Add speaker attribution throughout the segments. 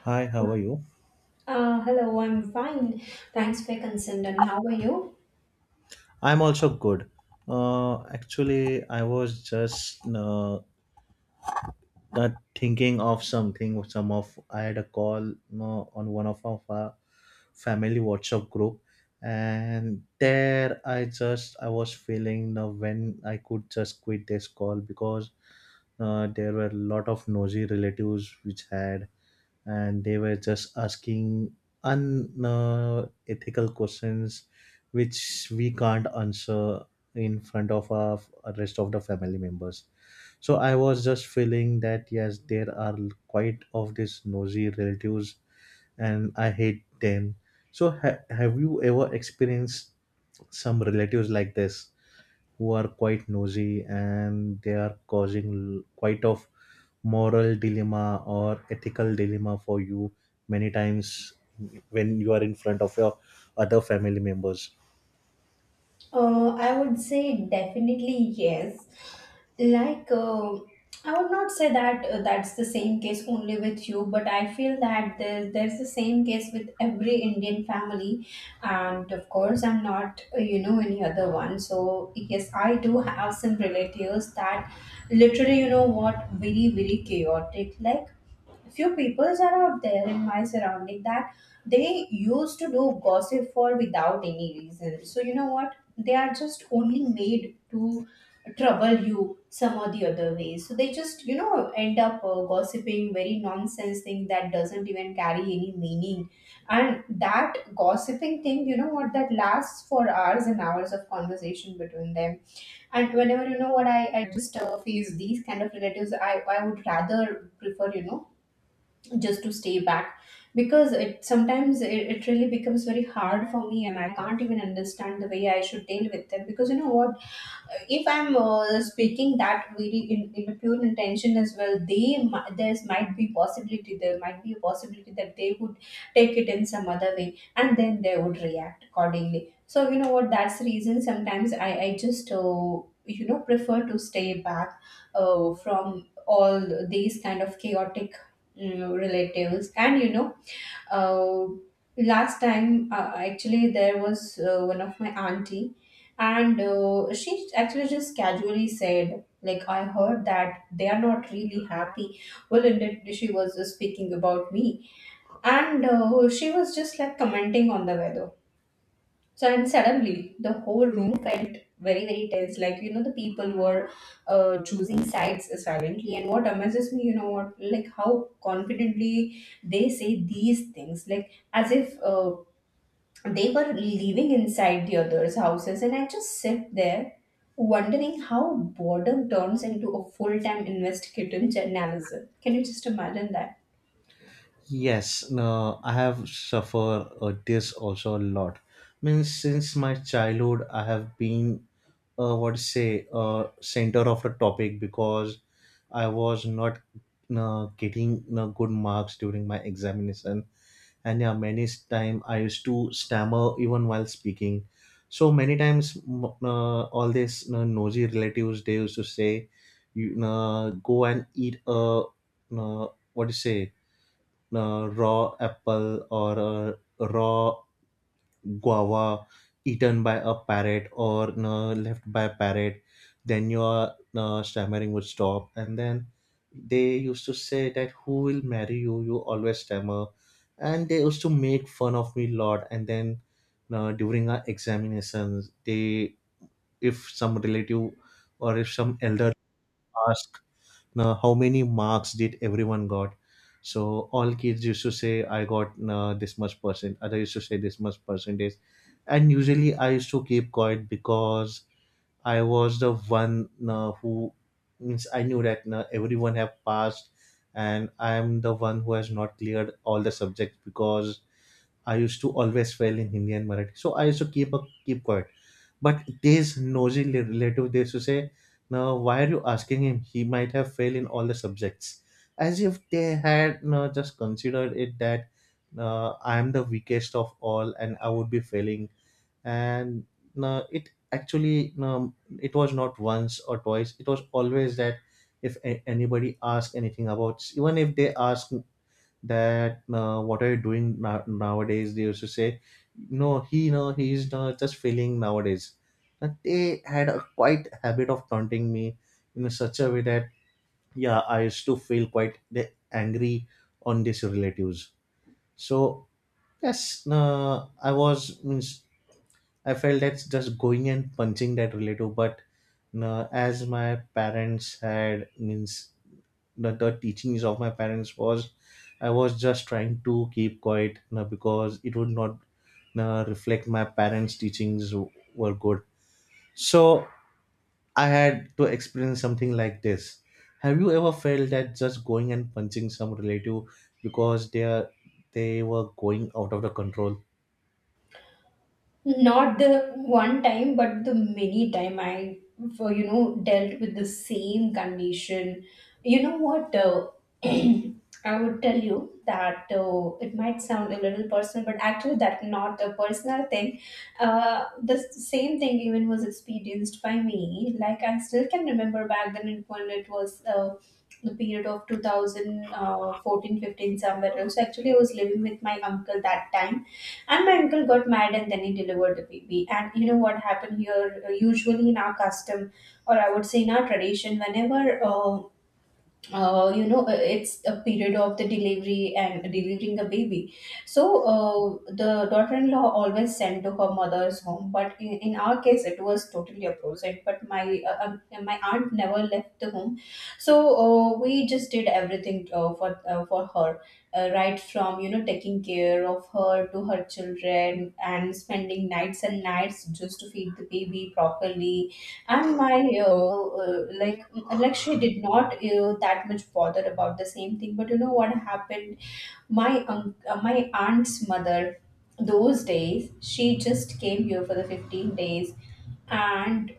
Speaker 1: Hi, how are you?
Speaker 2: Hello, I'm fine. Thanks for concern. And how are you?
Speaker 1: I'm also good. Actually, I was just not thinking of something. Some of I had a call on one of our family WhatsApp group, and there I was feeling when I could just quit this call because there were a lot of nosy relatives which had and they were just asking unethical questions which we can't answer in front of our rest of the family members. So I was just feeling that, yes, there are quite of these nosy relatives and I hate them. So have you ever experienced some relatives like this who are quite nosy and they are causing quite of moral dilemma or ethical dilemma for you many times when you are in front of your other family members?
Speaker 2: I would say definitely yes. Like, I would not say that that's the same case only with you, but I feel that there's the same case with every Indian family. And of course, I'm not, any other one. So, yes, I do have some relatives that literally, you know what, very, very chaotic. Like, few peoples are out there in my surrounding that they used to do gossip for without any reason. So you know what, they are just only made to trouble you some or the other way. So they just, you know, end up gossiping very nonsense thing that doesn't even carry any meaning. And that gossiping thing, you know what, that lasts for hours and hours of conversation between them. And whenever you know what, I just face these kind of relatives, I would rather prefer, you know, just to stay back. Because it sometimes it really becomes very hard for me and I can't even understand the way I should deal with them. Because you know what, if I'm speaking that very in a pure intention as well, they there might be a possibility that they would take it in some other way and then they would react accordingly. So you know what? That's the reason sometimes I just you know prefer to stay back from all these kind of chaotic relatives. And you know, uh, last time actually there was one of my auntie. And she actually just casually said, like, I heard that they are not really happy. Well, indeed she was just speaking about me. And she was just like commenting on the weather. So and suddenly the whole room felt very, very tense. Like, you know, the people were choosing sides silently. And what amazes me, you know what, like how confidently they say these things, like as if they were living inside the others' houses. And I just sit there wondering how boredom turns into a full time investigative journalism. Can you just imagine that?
Speaker 1: Yes. No, I have suffered this also a lot. Means, since my childhood I have been, what to say center of the topic, because I was not getting good marks during my examination. And yeah, many time I used to stammer even while speaking. So many times all these, you know, nosy relatives, they used to say, "You, go and eat a, uh, what do you say raw apple or a raw guava eaten by a parrot, or you left by a parrot, then your you stammering would stop." And then they used to say that, "Who will marry you? You always stammer." And they used to make fun of me a lot. And then during our examinations, they, if some relative or if some elder asked how many marks did everyone got, so all kids used to say, "I got this much percent," other used to say, "this much percentage." And usually I used to keep quiet, because I was the one who, means, I knew that everyone have passed and I am the one who has not cleared all the subjects, because I used to always fail in Hindi and Marathi. So I used to keep quiet. But this nosy relative, they used to say, "No, why are you asking him? He might have failed in all the subjects." As if they had no just considered it that I am the weakest of all and I would be failing. And no, it actually, no, it was not once or twice. It was always that if anybody asked anything about, even if they asked that what are you doing nowadays, they used to say, "No, he, no, he's not just feeling nowadays." But they had a quite habit of taunting me in such a way that, yeah, I used to feel quite angry on these relatives. So yes, I was, means, I felt that's just going and punching that relative, but no, as my parents had, means, the teachings of my parents was, I was just trying to keep quiet, you know, because it would not reflect my parents teachings were good. So I had to experience something like this. Have you ever felt that just going and punching some relative because they are, they were going out of the control?
Speaker 2: Not the one time but the many time I for, you know, dealt with the same condition. You know what, I would tell you that it might sound a little personal but actually that not a personal thing. The same thing even was experienced by me. Like, I still can remember back then, when it was the period of two thousand fourteen, fifteen somewhere else. Actually I was living with my uncle that time. And my uncle got mad and then he delivered the baby. And you know what happened here? Usually in our custom, or I would say in our tradition, whenever it's a period of the delivery and delivering a baby. So the daughter-in-law always sent to her mother's home, but in our case, it was totally opposite. But my my aunt never left the home. So we just did everything for her, right from, you know, taking care of her to her children and spending nights and nights just to feed the baby properly. And my like and, like she did not you that much bother about the same thing. But you know what happened, my my aunt's mother, those days she just came here for the 15 days. And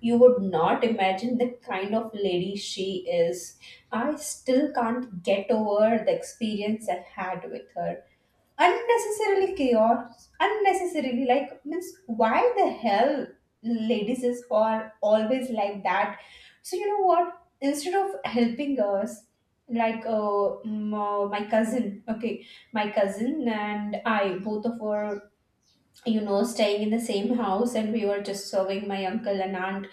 Speaker 2: you would not imagine the kind of lady she is. I still can't get over the experience I had with her. Unnecessarily chaos, unnecessarily, like, means why the hell ladies is are always like that. So you know what, instead of helping us, like, my cousin, okay, my cousin and I both of our, you know, staying in the same house and we were just serving my uncle and aunt.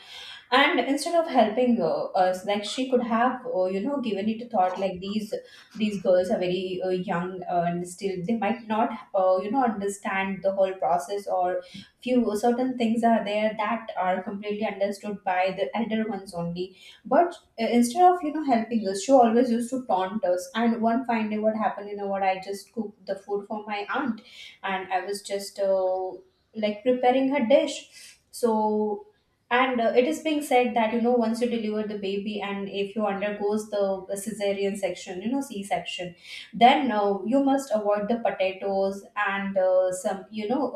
Speaker 2: And instead of helping us, like, she could have, you know, given it a thought, like, these girls are very young and still they might not, you know, understand the whole process. Or few certain things are there that are completely understood by the elder ones only. But instead of, you know, helping us, she always used to taunt us. And one fine day what happened, you know what, I just cooked the food for my aunt. And I was just like preparing her dish. So and it is being said that, you know, once you deliver the baby and if you undergoes the cesarean section, you know, C-section, then you must avoid the potatoes and some, you know,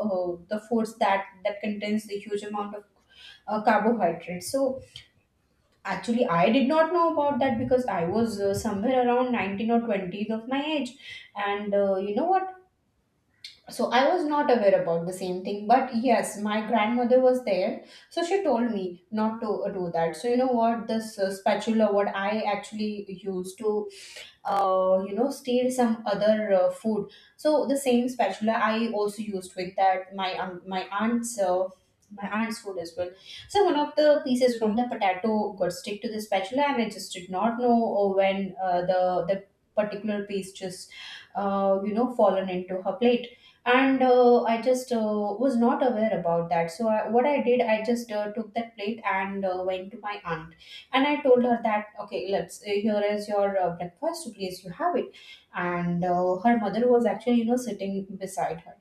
Speaker 2: the foods that contains the huge amount of carbohydrates. So actually, I did not know about that because I was somewhere around 19 or 20 of my age. And you know what? So I was not aware about the same thing but yes my grandmother was there. So she told me not to do that. So you know what, this spatula what I actually used to you know steal some other food. So the same spatula I also used with that my aunt's food as well. So one of the pieces from the potato got stick to the spatula and I just did not know when the particular piece just you know fallen into her plate. And I just was not aware about that. So I, what I did, I just took that plate and went to my aunt. And I told her that, okay, let's, here is your breakfast, please, you have it. And her mother was actually, you know, sitting beside her.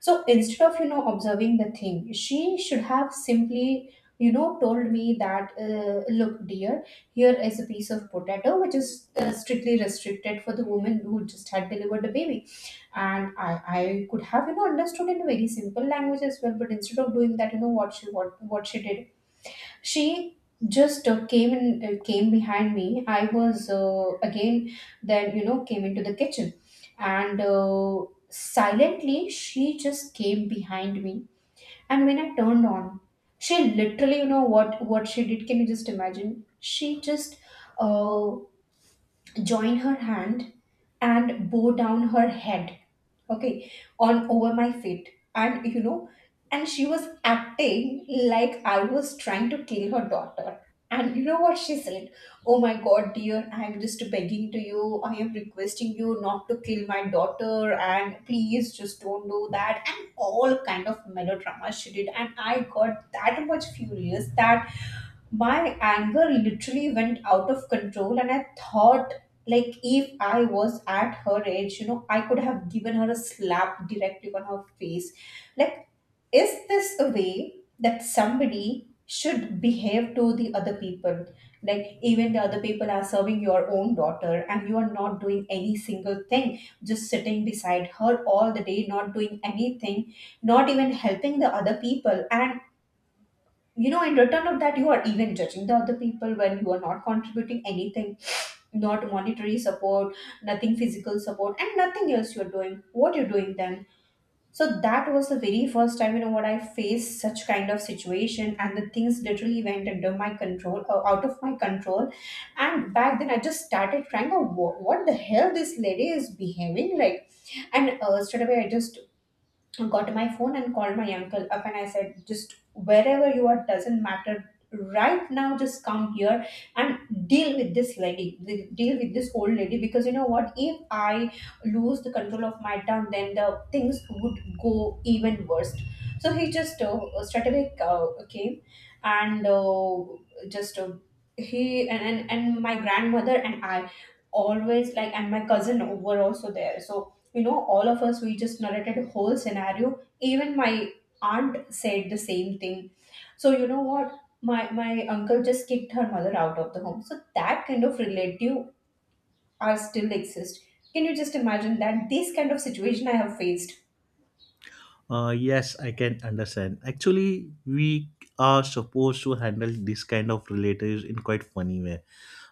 Speaker 2: So instead of, you know, observing the thing, she should have simply, you know, told me that, look, dear, here is a piece of potato, which is strictly restricted for the woman who just had delivered the baby. And I could have, you know, understood in very simple language as well. But instead of doing that, you know, what she did, she just came behind me. I was again then, you know, came into the kitchen. And silently she just came behind me. And when I turned on, she literally, you know what she did, can you just imagine, she just uh, joined her hand and bow down her head, okay, on over my feet. And you know, and she was acting like I was trying to kill her daughter. And you know what she said, oh my god, dear, I am just begging to you, I am requesting you not to kill my daughter and please just don't do that. And all kind of melodrama she did. And I got that much furious that my anger literally went out of control. And I thought, like, if I was at her age, you know, I could have given her a slap directly on her face. Like, is this a way that somebody should behave to the other people? Like, even the other people are serving your own daughter and you are not doing any single thing, just sitting beside her all the day, not doing anything, not even helping the other people. And you know, in return of that you are even judging the other people when you are not contributing anything, not monetary support, nothing physical support and nothing else. You're doing what you're doing then. So that was the very first time, you know what, I faced such kind of situation. And the things literally went under my control, out of my control. And back then I just started crying. Oh, what the hell this lady is behaving like. And straight away I just got my phone and called my uncle up. And I said, just wherever you are doesn't matter. Right now, just come here and deal with this lady, deal with this old lady. Because you know what? If I lose the control of my tongue, then the things would go even worse. So he just straight away came. And just he and my grandmother and I always, like, and my cousin were also there. So you know, all of us, we just narrated a whole scenario, even my aunt said the same thing. So you know what, my uncle just kicked her mother out of the home. So that kind of relative are still exist. Can you just imagine that this kind of situation I have faced?
Speaker 1: Yes, I can understand. Actually, we are supposed to handle this kind of relatives in quite funny way.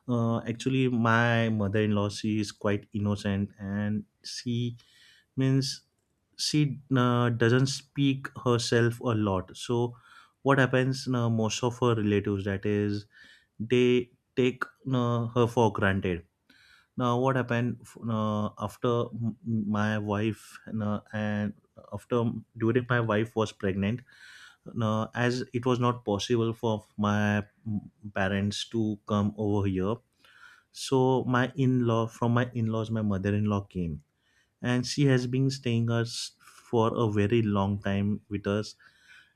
Speaker 1: Actually, my mother-in-law, she is quite innocent and she, means, she doesn't speak herself a lot. So what happens, most of her relatives, that is, they take her for granted. Now what happened, after my wife and after during my wife was pregnant, as it was not possible for my parents to come over here, so my in-law, from my in-laws, my mother-in-law came, and she has been staying us for a very long time with us.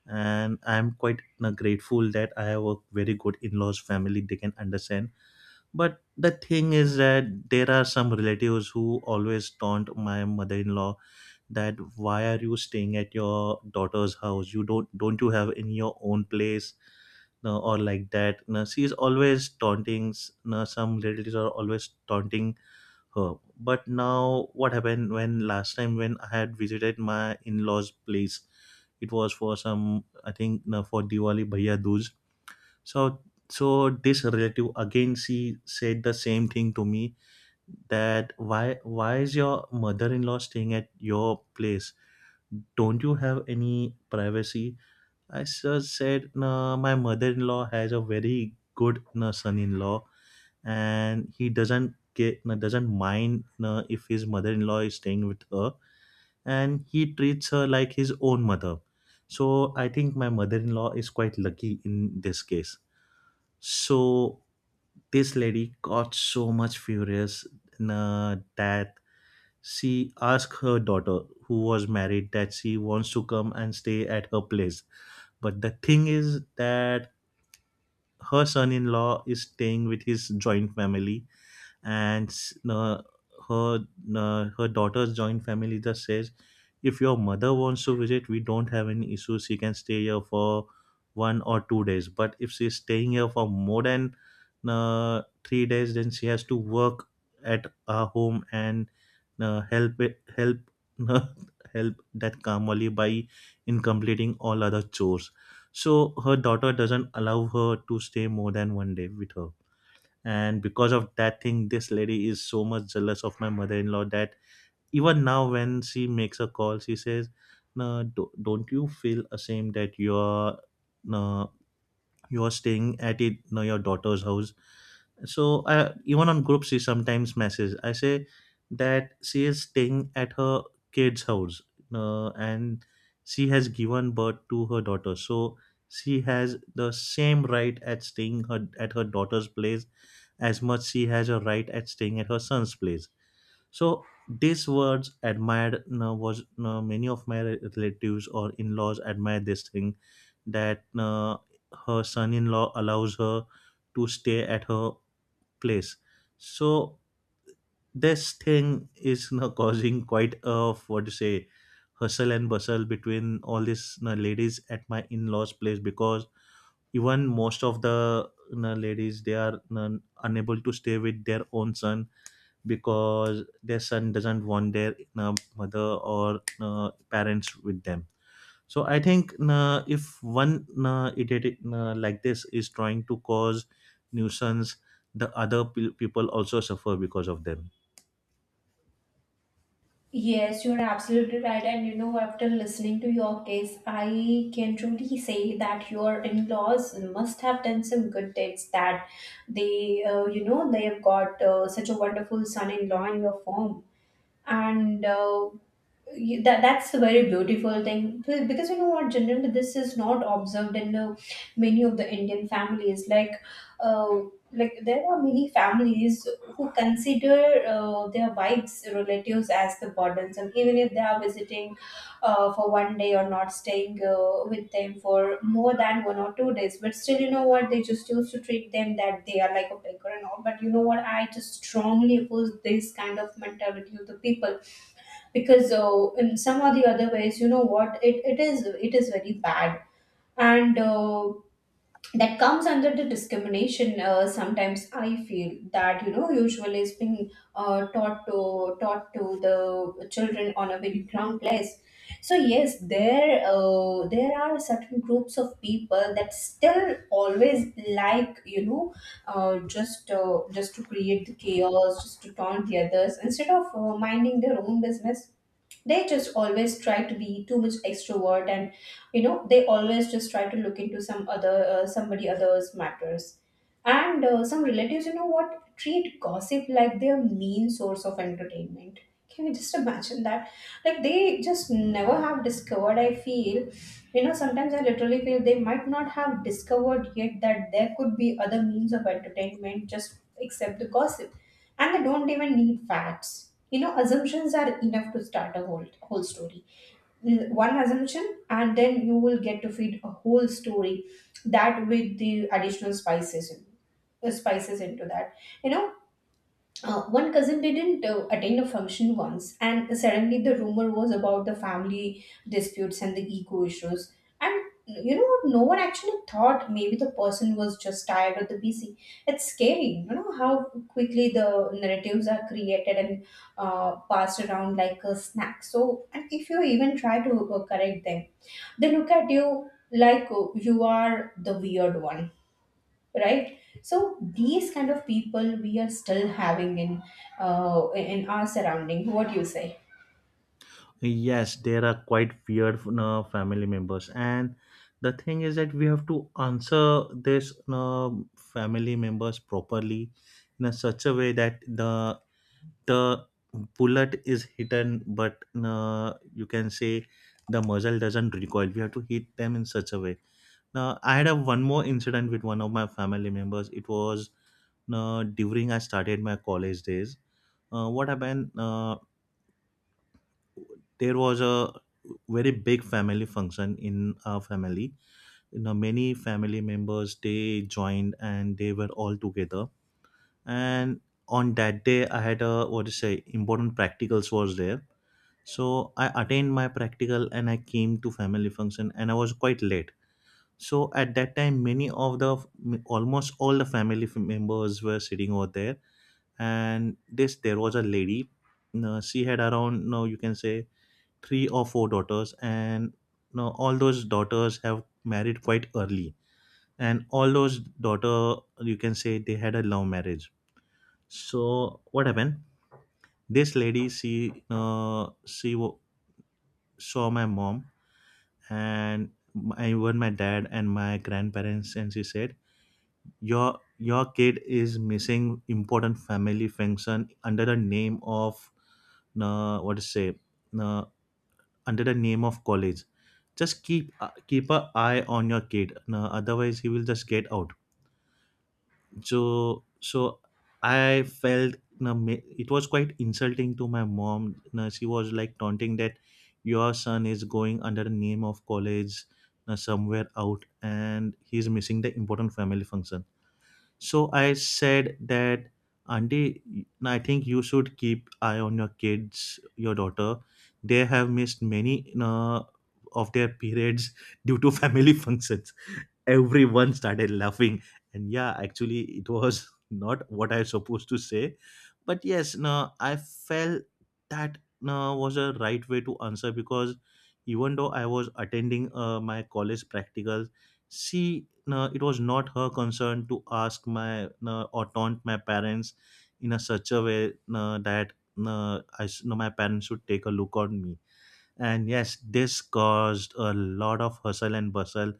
Speaker 1: And I'm quite grateful that I have a very good in-laws family. They can understand. But the thing is that there are some relatives who always taunt my mother-in-law that, "Why are you staying at your daughter's house? You don't you have in your own place?" No, or like that. No, she is always taunting. No, some relatives are always taunting herb. But now, what happened, when last time when I had visited my in-laws' place, it was for some, I think, no, for Diwali Bhaiya Dooj. So so this relative again she said the same thing to me, that, Why is your mother-in-law staying at your place? Don't you have any privacy?" I just said, "No, my mother-in-law has a very good, no, son-in-law, and he doesn't get, doesn't mind if his mother-in-law is staying with her, and he treats her like his own mother. So I think my mother-in-law is quite lucky in this case." So this lady got so much furious that she asked her daughter who was married that she wants to come and stay at her place. But the thing is that her son-in-law is staying with his joint family, and uh, her her daughter's joint family just says, "If your mother wants to visit, we don't have any issues. She can stay here for 1 or 2 days, but if she's staying here for more than 3 days, then she has to work at our home and help help that Kamali by in completing all other chores." So her daughter doesn't allow her to stay more than 1 day with her. And because of that thing, this lady is so much jealous of my mother-in-law that even now when she makes a call she says, "No, don't you feel ashamed that you're, no, you're staying at it, no, your daughter's house." So I, even on group she sometimes messages, I say that she is staying at her kid's house, and she has given birth to her daughter, so she has the same right at staying her, at her daughter's place as much she has a right at staying at her son's place. So these words admired, was many of my relatives or in-laws admire this thing that her son-in-law allows her to stay at her place. So this thing is, you know, causing quite a, what to say, hustle and bustle between all these, you know, ladies at my in-laws place, because even most of the, you know, ladies, they are, you know, unable to stay with their own son, because their son doesn't want their, you know, mother or, you know, parents with them. So I think, you know, if one, you know, idiot, you know, like this is trying to cause nuisance, the other people also suffer because of them.
Speaker 2: Yes, you're absolutely right. And you know, after listening to your case, I can truly say that your in laws must have done some good deeds that they have got such a wonderful son in law in your firm. And you- that that's a very beautiful thing. Because you know what, generally this is not observed in many of the indian families, uh, like there are many families who consider their wives relatives as the burdens. And even if they are visiting for one day, or not staying with them for more than one or two days, but still you know what, they just used to treat them that they are like a beggar and all. But you know what, I just strongly oppose this kind of mentality of the people, because in some or the other ways, you know what, it is very bad. And that comes under the discrimination. Sometimes I feel that, you know, usually is being uh, taught to taught to the children on a very ground place. So yes, there are certain groups of people that still always, like, you know, just to create the chaos, just to taunt the others instead of minding their own business. They just always try to be too much extrovert, and you know, they always just try to look into some other somebody other's matters. And some relatives, you know what, treat gossip like their main source of entertainment. Can you just imagine that? Like, they just never have discovered, I feel. You know, sometimes I literally feel they might not have discovered yet that there could be other means of entertainment, just except the gossip. And they don't even need facts. You know, assumptions are enough to start a whole story. Mm, one assumption and then you will get to feed a whole story, that with the additional spices into that, you know, one cousin didn't attend a function once, and suddenly the rumor was about the family disputes and the ego issues. And you know what? No one actually thought maybe the person was just tired or the busy. It's scary, you know, how quickly the narratives are created and passed around like a snack. So, and if you even try to correct them, they look at you like you are the weird one. Right, so these kind of people we are still having in our surrounding, what do you say?
Speaker 1: Yes, there are quite weird family members, and the thing is that we have to answer this family members properly in a such a way that the bullet is hidden, but you can say the muzzle doesn't recoil. We have to hit them in such a way. Now, I had a one more incident with one of my family members. It was during I started my college days. What happened? There was a very big family function in our family, you know, many family members they joined and they were all together. And on that day I had a, what to say, important practicals was there. So I attained my practical and I came to family function and I was quite late. So at that time many of the, almost all the family members were sitting over there. And this there was a lady, you know, she had around, no, you can say, three or four daughters, and, you know, all those daughters have married quite early, and all those daughter you can say they had a love marriage. So what happened, this lady she saw my mom and my, even my dad and my grandparents, and she said, Your kid is missing important family function under the name of, what to say uh." under the name of college. Just keep, keep a eye on your kid, no, otherwise he will just get out." So I felt, no, it was quite insulting to my mom. No, she was like taunting that, "Your son is going under the name of college, no, somewhere out and he's missing the important family function." So I said that, "Auntie, I think you should keep eye on your kids, your daughter. They have missed many of their periods due to family functions. Everyone started laughing, and yeah, actually it was not what I was supposed to say, but yes, no, I felt that no was a right way to answer, because even though I was attending my college practicals, she, no, it was not her concern to ask my, no, or taunt my parents in a such a way, no, that, no, my parents should take a look on me. And yes, this caused a lot of hustle and bustle.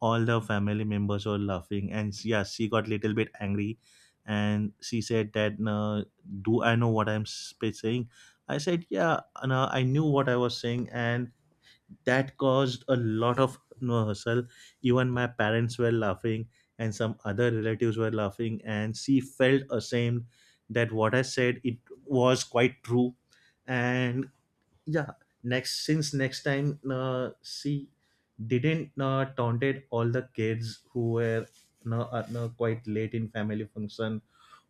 Speaker 1: All the family members were laughing, and yeah, she got little bit angry, and she said that, "No, do I know what I'm saying?" I said, "Yeah, no, I knew what I was saying," and that caused a lot of no hustle. Even my parents were laughing, and some other relatives were laughing, and she felt ashamed that what I said it was quite true, and yeah, next time she didn't taunted all the kids who were no, quite late in family function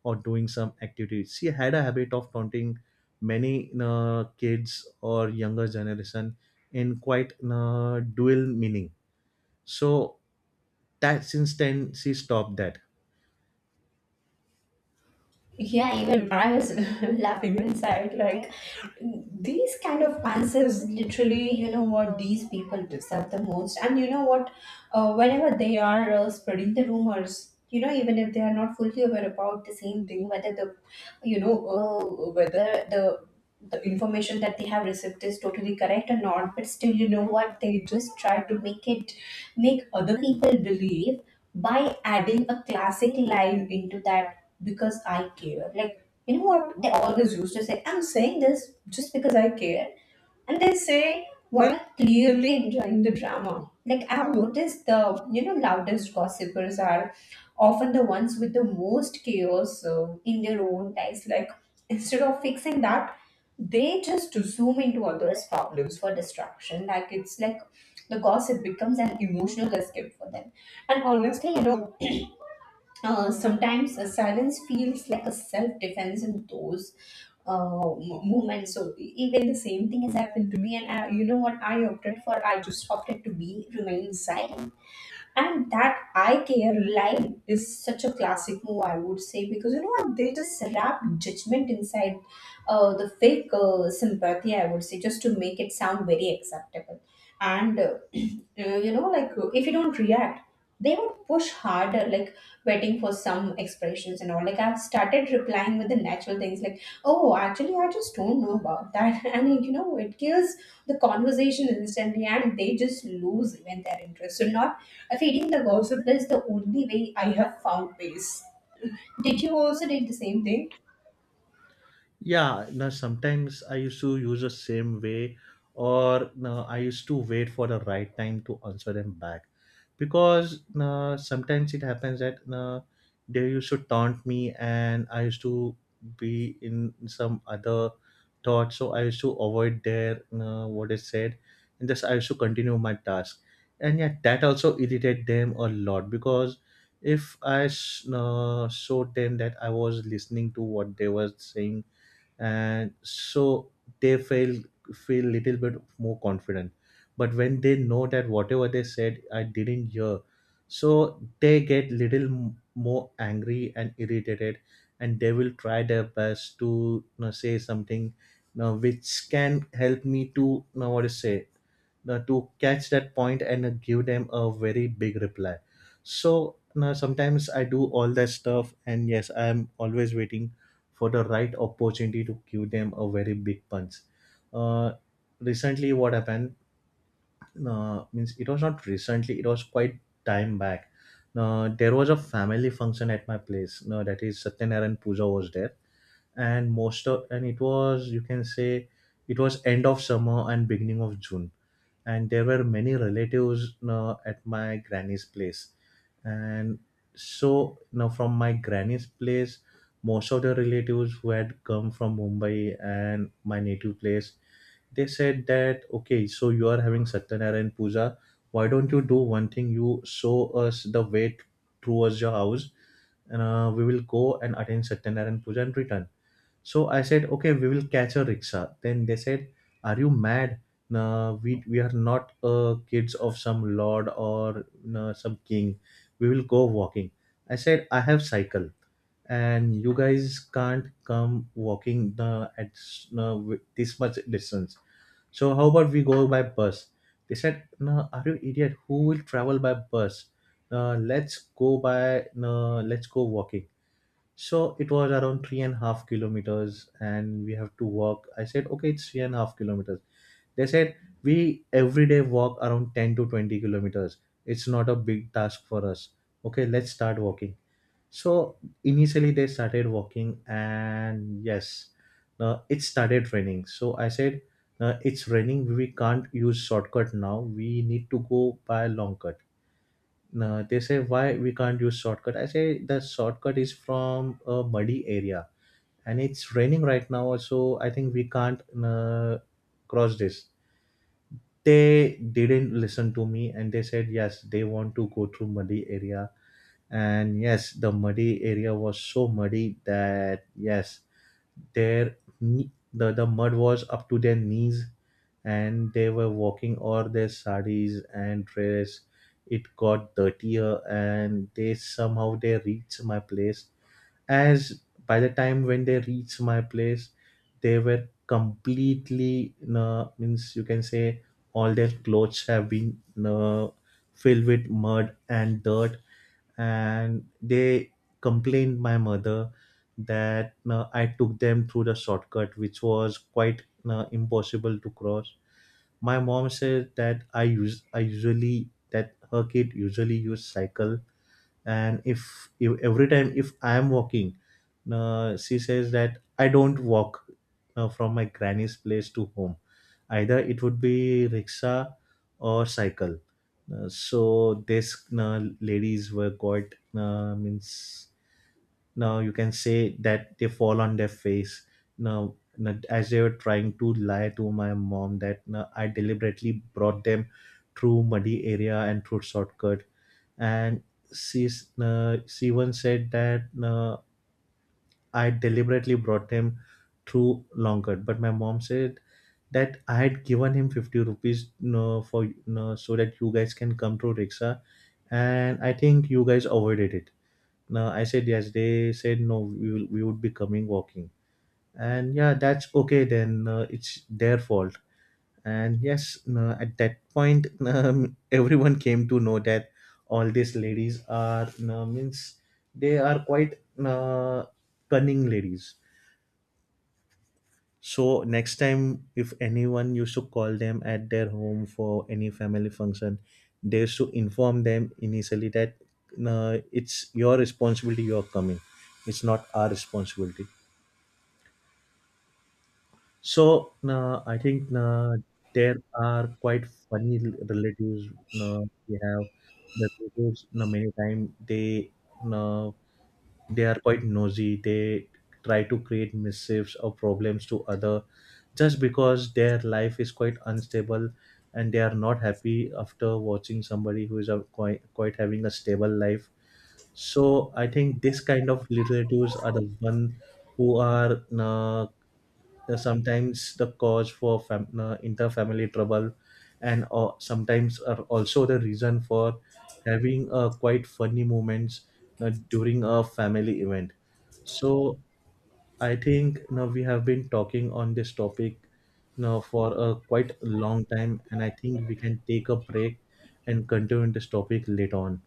Speaker 1: or doing some activities. She had a habit of taunting many kids or younger generation in quite dual meaning, so that since then she stopped that.
Speaker 2: Yeah, even I was laughing inside. Like, these kind of answers, literally, you know what, these people deserve the most. And you know what, whenever they are spreading the rumors, you know, even if they are not fully aware about the same thing, whether the, you know, whether the information that they have received is totally correct or not, but still, you know what, they just try to make other people believe by adding a classic line into that, because I care. Like, you know what? They always used to say, I'm saying this just because I care. And they say, we clearly enjoying the drama. Like, I've noticed the, you know, loudest gossipers are often the ones with the most chaos in their own lives. Like, instead of fixing that, they just zoom into others' problems for distraction. Like, it's like the gossip becomes an emotional escape for them. And honestly, you know, sometimes a silence feels like a self-defense in those moments. So even the same thing has happened to me, and I, you know what? I opted for. I just opted to be remain silent. And that I care line is such a classic move, I would say, because you know what, they just wrap judgment inside the fake sympathy, I would say, just to make it sound very acceptable. And you know, like, if you don't react, they would push harder, like waiting for some expressions and all. Like, I've started replying with the natural things, like, "Oh, actually, I just don't know about that," and you know, it kills the conversation instantly and they just lose even their interest. So not feeding the gossip is the only way I have found peace. Did you also did the same thing?
Speaker 1: Yeah, now sometimes I used to use the same way, or now I used to wait for the right time to answer them back, because now sometimes it happens that now they used to taunt me, and I used to be in some other thought, so I used to avoid their now what is said, and thus I used to continue my task, and yeah, that also irritate them a lot, because if now showed them that I was listening to what they were saying and so they feel feel little bit more confident. But when they know that whatever they said I didn't hear, so they get little more angry and irritated, and they will try their best to, you know, say something, you know, which can help me to, you know, what to say, to catch that point and give them a very big reply. So now sometimes I do all that stuff, and yes, I am always waiting for the right opportunity to give them a very big punch. uh, Recently what happened, means it was not recently, it was quite time back. There was a family function at my place, no, that is Satyanarayan puja was there, and most of, and it was, you can say, it was end of summer and beginning of June, and there were many relatives at my granny's place, and so now from my granny's place, most of the relatives who had come from Mumbai and my native place, they said that, okay, so you are having Satyanarayan puja. Why don't you do one thing? You show us the way towards your house, and we will go and attend Satyanarayan Puja and return. So I said, okay, we will catch a rickshaw. Then they said, are you mad? No, we are not kids of some lord or, no, some king. We will go walking. I said, I have cycle, and you guys can't come walking the at s- no, wi- this much distance. So how about we go by bus? They said, no, are you idiot? Who will travel by bus? Let's go by, no, let's go walking. So it was around 3.5 kilometers, and we have to walk. I said, okay, it's 3.5 kilometers. They said, we every day walk around 10 to 20 kilometers. It's not a big task for us. Okay, let's start walking. So initially, they started walking, and yes, it started raining. So I said, it's raining. We can't use shortcut now. We need to go by long cut. They say, why we can't use shortcut? I say, the shortcut is from a muddy area, and it's raining right now, so I think we can't cross this. They didn't listen to me, and they said yes, they want to go through muddy area. And yes, the muddy area was so muddy that yes, their the mud was up to their knees, and they were walking all their saris and dress. It got dirtier, and they somehow they reached my place. As by the time when they reached my place, they were completely means, you can say, all their clothes have been uh, filled with mud and dirt, and they complained my mother that I took them through the shortcut which was quite impossible to cross. My mom said that I usually, that her kid usually use cycle, and if every time if I am walking, she says that I don't walk from my granny's place to home, either it would be rickshaw or cycle. So this ladies were quite means, now you can say that they fall on their face. Now, as they were trying to lie to my mom that, now, I deliberately brought them through muddy area and through shortcut, and she once said that I deliberately brought him through Longkot. But my mom said that I had given him 50 rupees, you know, for, you know, so that you guys can come through Riksha, and I think you guys avoided it. Now I said yes. They said no. We would be coming walking, and yeah, that's okay. Then it's their fault. And yes, no, at that point everyone came to know that all these ladies are, no, means they are quite uh, cunning ladies. So next time if anyone used to call them at their home for any family function, they used to inform them initially that no, it's your responsibility, you're coming, it's not our responsibility. So I think there are quite funny relatives uh, we have. The relatives, many times they, uh, they are quite nosy. They try to create mischiefs or problems to other, just because their life is quite unstable, and they are not happy after watching somebody who is a quite having a stable life. So I think this kind of relatives are the one who are, sometimes the cause for interfamily trouble, and sometimes are also the reason for having quite funny moments during a family event. So I think, you know, we have been talking on this topic, you know, for a quite long time, and I think we can take a break and continue this topic later on.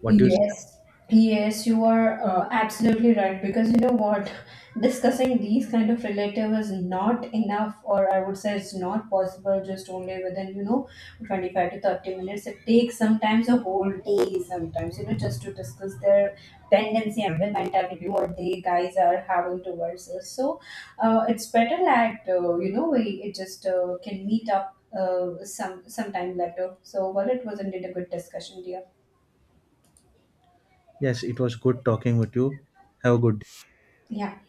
Speaker 1: What do you say?
Speaker 2: Yes, yes, you are absolutely right, because you know what, discussing these kind of relative is not enough, or I would say it's not possible just only within, you know, 25 to 30 minutes. It takes sometimes a whole day, sometimes, you know, just to discuss their tendency and the mentality what they guys are having towards us. So, it's better that, you know, we it just can meet up sometime later. So, well, it was indeed a good discussion, dear.
Speaker 1: Yes, it was good talking with you. Have a good day.
Speaker 2: Yeah.